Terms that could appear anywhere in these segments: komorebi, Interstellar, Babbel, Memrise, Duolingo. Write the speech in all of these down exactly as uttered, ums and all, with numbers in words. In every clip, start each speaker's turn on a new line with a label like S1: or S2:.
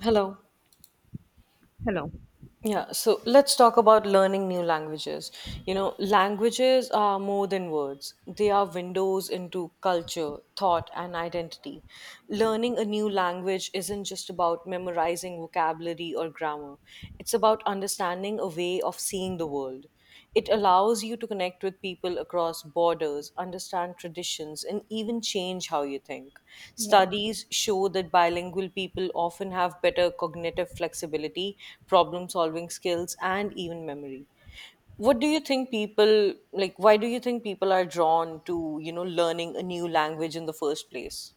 S1: Hello.
S2: Hello.
S1: Yeah, so let's talk about learning new languages. You know, languages are more than words, they are windows into culture, thought, and identity. Learning a new language isn't just about memorizing vocabulary or grammar, it's about understanding a way of seeing the world. It allows you to connect with people across borders, understand traditions, and even change how you think.
S2: Yeah.
S1: Studies show that bilingual people often have better cognitive flexibility, problem solving skills, and even memory. What do you think people like? Why do you think people are drawn to, you know, learning a new language in the first place?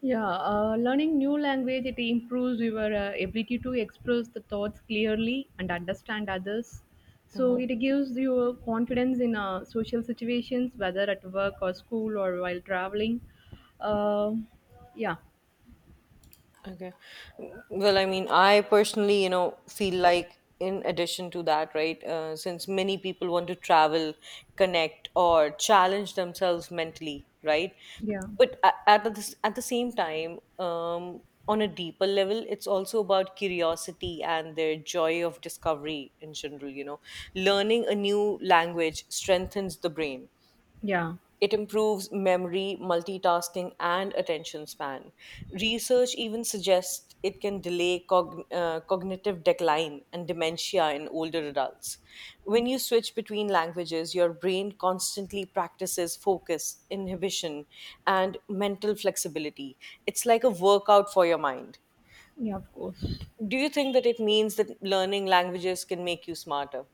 S2: Yeah, uh, Learning new language it improves your uh, ability to express the thoughts clearly and understand others. So it gives you uh, confidence in uh, social situations, whether at work or school or while traveling. Uh, yeah,
S1: Okay. Mm, well, I mean, I personally, you know, feel like in addition to that, right, uh, since many people want to travel, connect, or challenge themselves mentally, right?
S2: Yeah.
S1: But a- at the, At the same time, um, on a deeper level, it's also about curiosity and their joy of discovery in general, you know. Learning a new language strengthens the brain,
S2: yeah,
S1: it improves memory, multitasking, and attention span. Research even suggests it can delay cog- uh, cognitive decline and dementia in older adults. When you switch between languages, your brain constantly practices focus, inhibition, and mental flexibility. It's like a workout for your mind.
S2: yeah, of course.
S1: Do you think that it means that learning languages can make you smarter?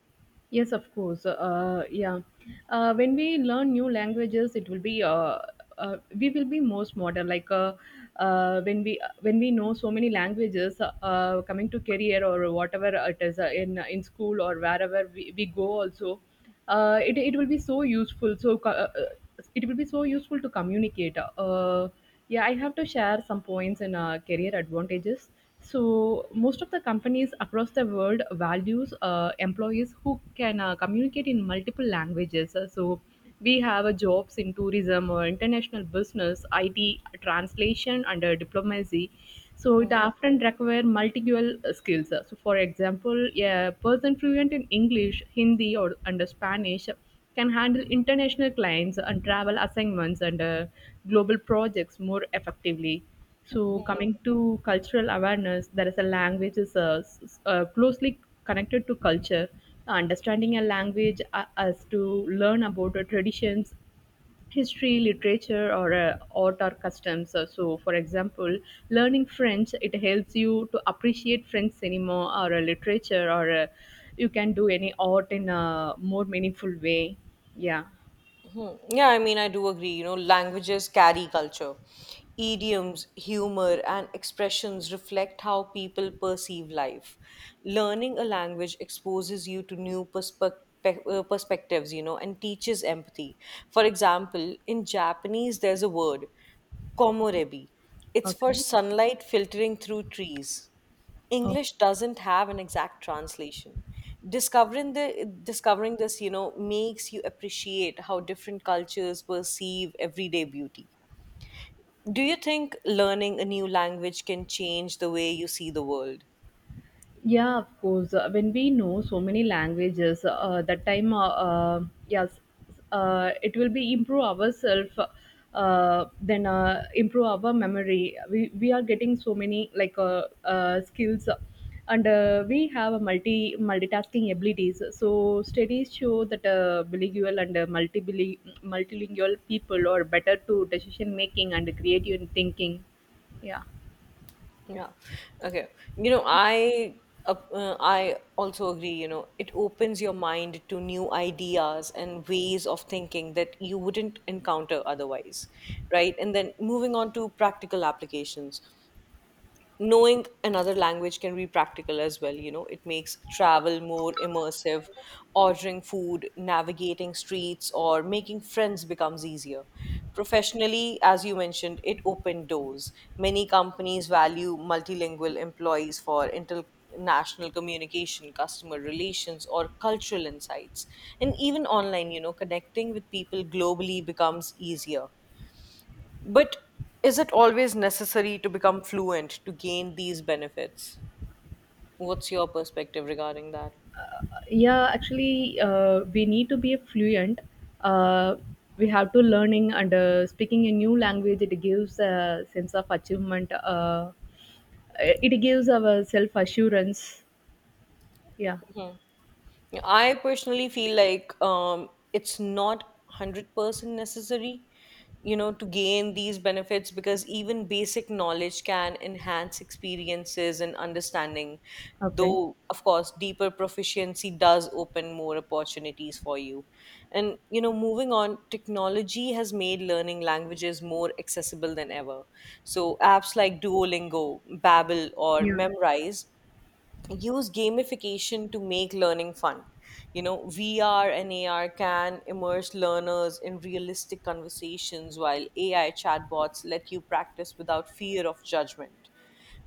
S2: Yes, of course. Uh, uh, yeah. Uh, when we learn new languages, it will be uh, uh, we will be most modern. Like uh, uh, when we uh, when we know so many languages, uh, uh, coming to career or whatever it is uh, in in school or wherever we, we go also, uh, it it will be so useful. So co- uh, uh, it will be so useful to communicate. Uh, yeah, I have to share some points in uh, career advantages. So most of the companies across the world values uh, employees who can uh, communicate in multiple languages. Uh, So we have uh, jobs in tourism or international business, I T, translation, and uh, diplomacy. So it
S1: Hmm.
S2: often require multilingual uh, skills. Uh, So for example, a person fluent in English, Hindi, or under Spanish can handle international clients and travel assignments and uh, global projects more effectively. So, coming to cultural awareness, there is a language is uh, s- s- uh, closely connected to culture. Understanding a language uh, us to learn about the traditions history, literature, or uh, art or customs. Uh, So, for example, learning French it helps you to appreciate French cinema or uh, literature, or uh, you can do any art in a more meaningful way. Yeah.
S1: Hmm. Yeah, I mean, I do agree. You know, languages carry culture. Idioms, humor, and expressions reflect how people perceive life. Learning a language exposes you to new perspectives. Perspectives, you know, and teaches empathy. For example, in Japanese, there's a word, komorebi. It's for
S2: Okay.
S1: sunlight filtering through trees. English doesn't have an exact translation. Discovering the discovering this, you know, makes you appreciate how different cultures perceive everyday beauty. Do you think learning a new language can change the way you see the world?
S2: Yeah, of course. Uh, when we know so many languages, uh, that time, uh, uh, yes, uh, it will be improve ourselves. Uh, then uh, Improve our memory. We we are getting so many like uh, uh, skills, and uh, we have a multi multitasking abilities. So studies show that uh, bilingual and uh, multibili- multilingual people are better to decision making and creative thinking. Yeah.
S1: Yeah. Okay. You know, I uh, uh, I also agree, you know, it opens your mind to new ideas and ways of thinking that you wouldn't encounter otherwise, right? And then moving on to practical applications. Knowing another language can be practical as well, you know, it makes travel more immersive, ordering food, navigating streets, or making friends becomes easier. Professionally, as you mentioned, it opened doors. Many companies value multilingual employees for international communication, customer relations, or cultural insights. And even online, you know, connecting with people globally becomes easier, but is it always necessary to become fluent to gain these benefits? What's your perspective regarding that?
S2: yeah actually uh, We need to be fluent. uh, we have to learning and uh, speaking a new language it gives a sense of achievement. Uh, it gives our self assurance. Yeah.
S1: I personally feel like um, it's not one hundred percent necessary, you know, to gain these benefits, because even basic knowledge can enhance experiences and understanding,
S2: Okay.
S1: though, of course, deeper proficiency does open more opportunities for you. And, you know, moving on, technology has made learning languages more accessible than ever. So apps like Duolingo, Babbel, or
S2: yeah
S1: Memrise use gamification to make learning fun. You know, V R and A R can immerse learners in realistic conversations while A I chatbots let you practice without fear of judgment.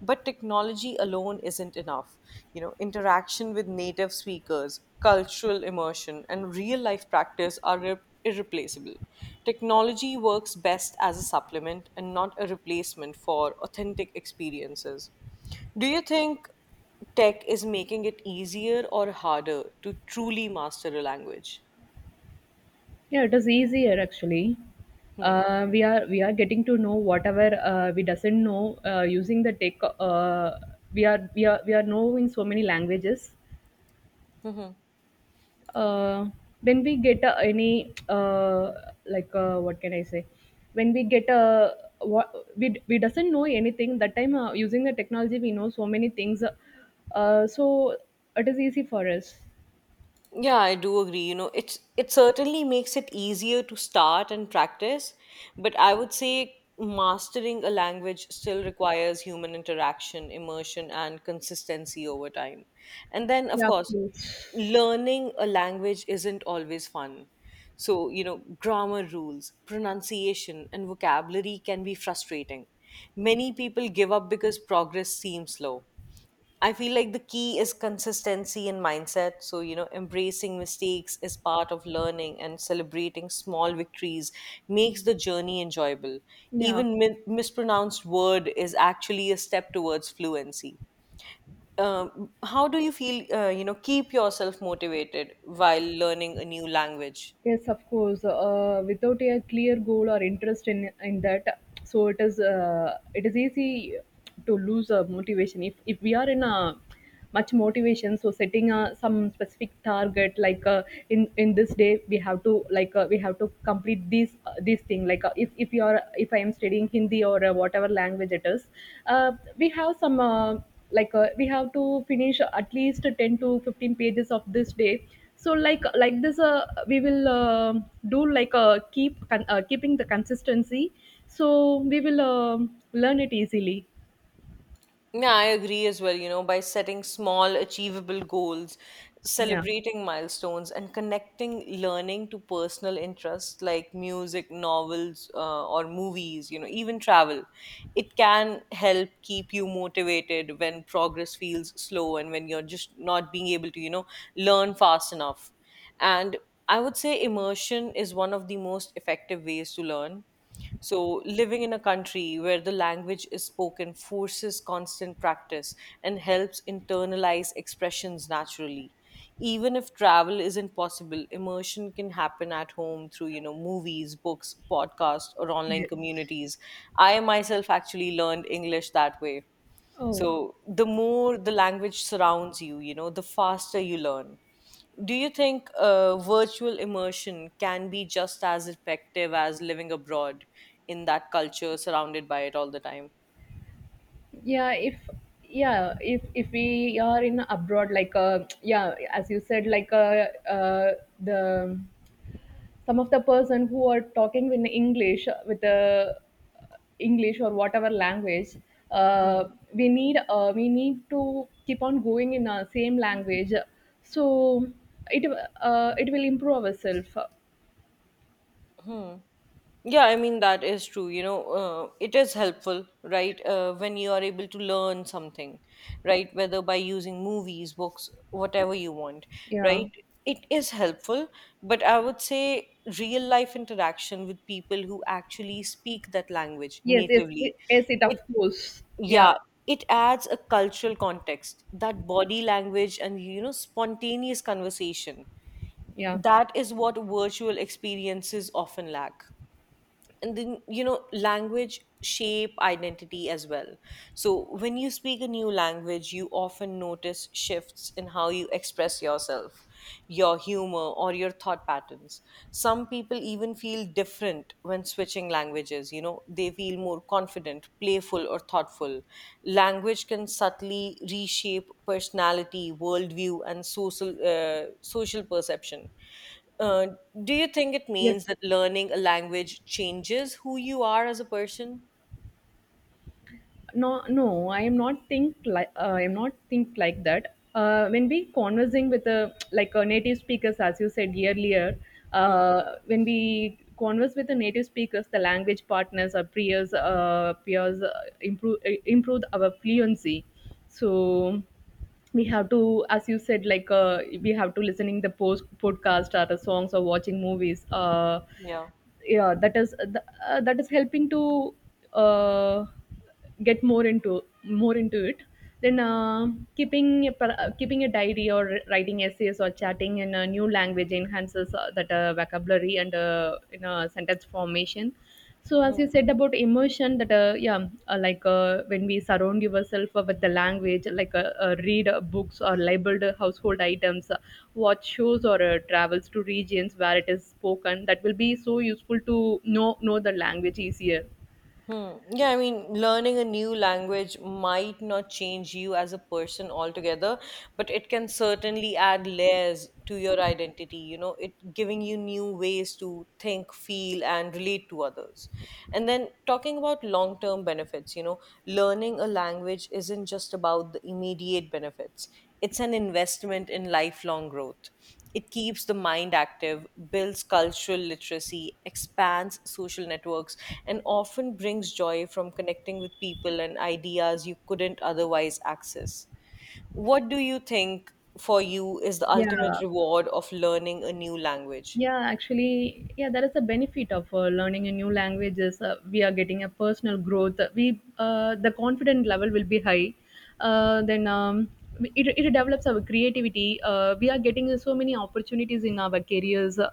S1: But technology alone isn't enough. You know, interaction with native speakers, cultural immersion, and real life practice are irre- irreplaceable. Technology works best as a supplement and not a replacement for authentic experiences. Do you think tech is making it easier or harder to truly master a language?
S2: yeah it is easier actually.
S1: Hmm.
S2: Uh, we are we are getting to know whatever uh, we doesn't know uh, using the tech. Uh, we are we are we are knowing so many languages. Uh, when we get uh, any uh, like uh, what can I say when we get a what we, d- We doesn't know anything that time uh, using the technology we know so many things. uh, so it is easy for us.
S1: Yeah, I do agree. You know, it's it certainly makes it easier to start and practice, but I would say mastering a language still requires human interaction, immersion, and consistency over time. And then, of
S2: Yeah,
S1: course,
S2: please.
S1: learning a language isn't always fun. So, you know, grammar rules, pronunciation, and vocabulary can be frustrating. Many people give up because progress seems slow. I feel like the key is consistency and mindset. So, you know, embracing mistakes is part of learning, and celebrating small victories makes the journey enjoyable.
S2: Yeah.
S1: Even mi- mispronounced word is actually a step towards fluency. Um, how do you feel, uh, you know, keep yourself motivated while learning a new language?
S2: Yes, of course. Uh, without a clear goal or interest in in that, so it is uh, it is easy to lose uh, motivation. If if we are in a much motivation, so setting a, some specific target like uh, in in this day we have to like uh, we have to complete this uh, this thing. Like uh, if if you are if I am studying Hindi or uh, whatever language it is, uh, we have some. Uh, like uh, we have to finish at least ten to fifteen pages of this day. So like like this uh, we will uh, do like uh, keep con- uh, keeping the consistency, so we will um learn it easily.
S1: Yeah, I agree as well. You know, by setting small, achievable goals,
S2: Yeah.
S1: celebrating milestones, and connecting learning to personal interests like music, novels, uh, or movies, you know, even travel, it can help keep you motivated when progress feels slow, and when you're just not being able to, you know, learn fast enough. And I would say immersion is one of the most effective ways to learn, so living in a country where the language is spoken forces constant practice and helps internalize expressions naturally. Even if travel isn't possible, immersion can happen at home through, you know, movies, books, podcasts, or online
S2: Yes.
S1: communities. I myself actually learned English that way,
S2: Oh.
S1: so the more the language surrounds you, you know, the faster you learn. Do you think uh, virtual immersion can be just as effective as living abroad in that culture, surrounded by it all the time?
S2: Yeah if yeah if if we are in abroad like uh yeah as you said like uh, uh the some of the person who are talking in english uh, with the english or whatever language, uh,
S1: Hmm.
S2: we need uh, we need to keep on going in our same language, so it uh, it will improve ourselves.
S1: Hmm. Yeah, I mean, that is true. You know, uh, it is helpful, right? Uh, when you are able to learn something, right? Whether by using movies, books, whatever you want, right?
S2: Yeah.
S1: It is helpful. But I would say real life interaction with people who actually speak that language
S2: yes yes
S1: natively,
S2: it- yes it of
S1: it,
S2: course. Yeah.
S1: yeah, it adds a cultural context, that body language, and, you know, spontaneous conversation.
S2: Yeah.
S1: That is what virtual experiences often lack. And then, you know, language shape identity as well. So when you speak a new language, you often notice shifts in how you express yourself, your humor, or your thought patterns. Some people even feel different when switching languages, you know, they feel more confident, playful, or thoughtful. Language can subtly reshape personality, worldview, and social uh, social perception. uh, do you think it
S2: Yes.
S1: means that learning a language changes who you are as a person?
S2: no no I am not think like uh, I am not think like that uh, When we conversing with a like a native speakers as you said earlier,
S1: Mhm.
S2: uh, when we converse with the native speakers the language partners or peers uh, peers uh, improve uh, improve our fluency. So we have to as you said like uh, we have to listening the post podcast or the songs or watching movies. uh,
S1: Yeah.
S2: yeah that is uh, that is helping to uh, get more into more into it. Then uh, keeping a, par- uh, keeping a diary or writing essays or chatting in a new language enhances uh, that uh, vocabulary and uh, in a sentence formation. So as
S1: Hmm.
S2: you said about emotion, that uh, yeah, uh, like uh, when we surround yourself uh, with the language, like uh, uh, read uh, books or labeled uh, household items, uh, watch shows or uh, travels to regions where it is spoken, that will be so useful to know know the language easier.
S1: Hmm. Yeah, I mean, learning a new language might not change you as a person altogether, but it can certainly add layers to your identity, you know, it giving you new ways to think, feel, and relate to others. And then talking about long term benefits, you know, learning a language isn't just about the immediate benefits, it's an investment in lifelong growth. It keeps the mind active, builds cultural literacy, expands social networks, and often brings joy from connecting with people and ideas you couldn't otherwise access. What do you think for you is the ultimate
S2: Yeah,
S1: reward of learning a new language?
S2: yeah actually yeah that is the benefit of uh, learning a new language is uh, we are getting a personal growth. We uh, The confident level will be high. Uh, then um, it, it develops our creativity. Uh, we are getting so many opportunities in our careers. Uh,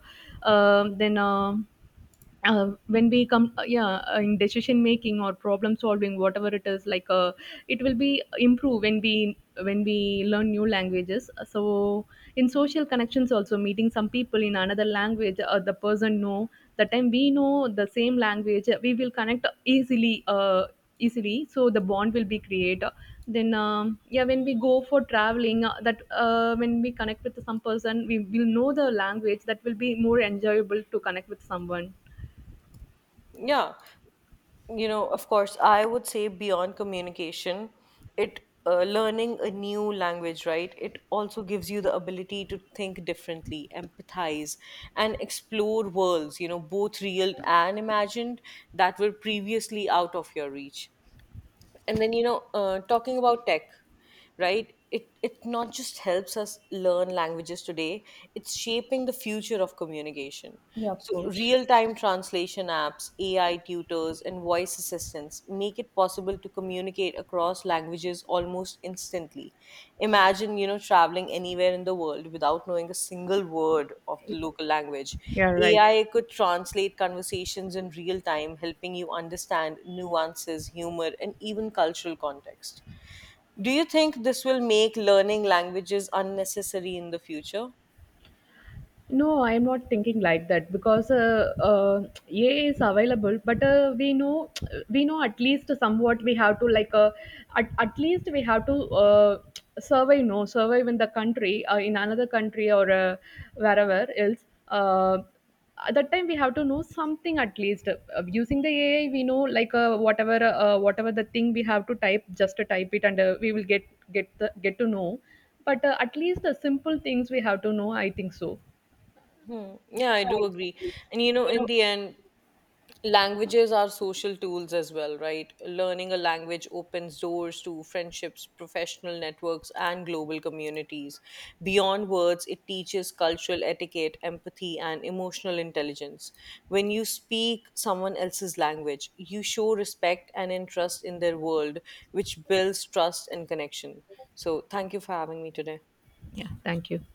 S2: um, then um uh, when we come uh, yeah uh, In decision making or problem solving whatever it is like uh, it will be improve when we when we learn new languages. Uh, so in social connections also, meeting some people in another language, uh, the person know the time we know the same language, uh, we will connect easily uh, easily so the bond will be created. Then um, yeah When we go for traveling, uh, that uh, when we connect with some person we will know the language, that will be more enjoyable to connect with someone.
S1: Yeah. You know, of course, I would say beyond communication, it uh, learning a new language, right, it also gives you the ability to think differently, empathize, and explore worlds, you know, both real and imagined, that were previously out of your reach. And then, you know, uh, talking about tech, right, it it not just helps us learn languages today, it's shaping the future of communication.
S2: Yeah, of
S1: So
S2: course.
S1: real time translation apps, AI tutors, and voice assistants make it possible to communicate across across languages almost instantly. Imagine, you know, traveling anywhere in the world without knowing a single word of the local language.
S2: Yeah, right.
S1: A I could translate conversations in real time, helping you understand nuances, humor, and even cultural context. Do you think this will make learning languages unnecessary in the future?
S2: No, I'm not thinking like that because uh, uh, A I is available, but uh, we know we know at least somewhat we have to like uh, at, at least we have to uh, survive. No Survive in the country uh, in another country or uh, wherever else. Uh, at that time we have to know something at least. Uh, using the A I we know like uh, whatever uh, whatever the thing we have to type, just to type it and uh, we will get get the, get to know. But uh, at least the simple things we have to know. I think so.
S1: Hmm. Yeah, I do agree. And you know, in the end, languages are social tools as well, right? Learning a language opens doors to friendships, professional networks, and global communities. Beyond words, it teaches cultural etiquette, empathy, and emotional intelligence. When you speak someone else's language, you show respect and interest in their world, which builds trust and connection. So thank you for having me today.
S2: Yeah, thank you.